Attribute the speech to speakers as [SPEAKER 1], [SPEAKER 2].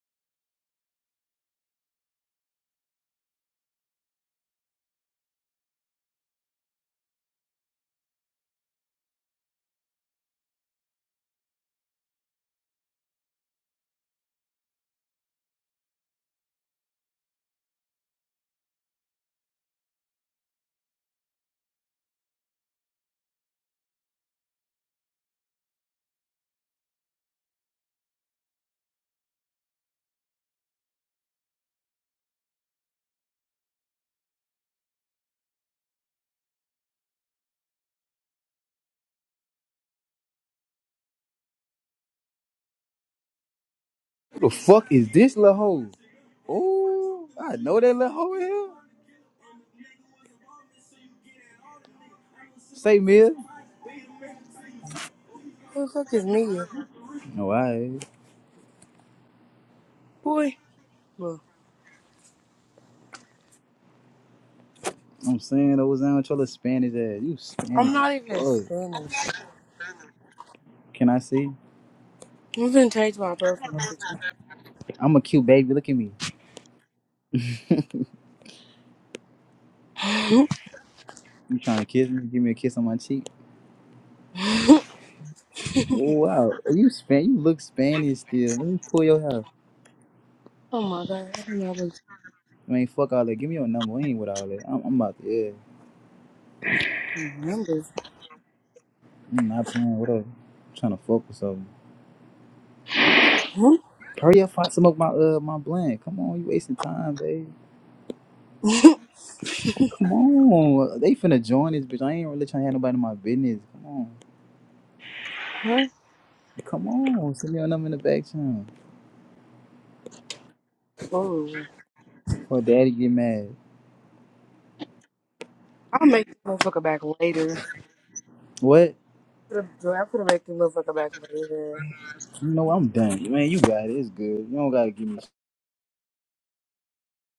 [SPEAKER 1] Who the fuck is this little hoe? Oh, I know that little hoe in here. Say, Mia.
[SPEAKER 2] Who the fuck is Mia?
[SPEAKER 1] No, I.
[SPEAKER 2] Boy, look,
[SPEAKER 1] I'm saying those down with your little Spanish ass. You
[SPEAKER 2] I'm
[SPEAKER 1] Spanish
[SPEAKER 2] not
[SPEAKER 1] as
[SPEAKER 2] even
[SPEAKER 1] fuck.
[SPEAKER 2] finished.
[SPEAKER 1] Can I see?
[SPEAKER 2] I'm gonna change my profile picture.
[SPEAKER 1] I'm a cute baby. Look at me. You trying to kiss me? Give me a kiss on my cheek. Oh, wow. are You span? You look Spanish still. Let me pull your hair.
[SPEAKER 2] oh my god, I don't know what
[SPEAKER 1] I mean, fuck all that. Give me your number. We ain't with all that. I'm, I'm about to. Yeah.
[SPEAKER 2] numbers.
[SPEAKER 1] I'm not playing. Whatever. I'm trying to fuck with something.
[SPEAKER 2] Hmm?
[SPEAKER 1] Hurry up, I smoke my uh my blunt. Come on, you wasting time, babe. Come on. They finna join this bitch. I ain't really trying to have nobody in my business. Come on.
[SPEAKER 2] Huh?
[SPEAKER 1] Come on. Send me on them in the back channel.
[SPEAKER 2] Oh,
[SPEAKER 1] Or daddy get mad.
[SPEAKER 2] I'll make this motherfucker back later.
[SPEAKER 1] What?
[SPEAKER 2] Put a- I put a make this motherfucker back later.
[SPEAKER 1] You know what? I'm done. Man, you got it. It's good. You don't gotta give me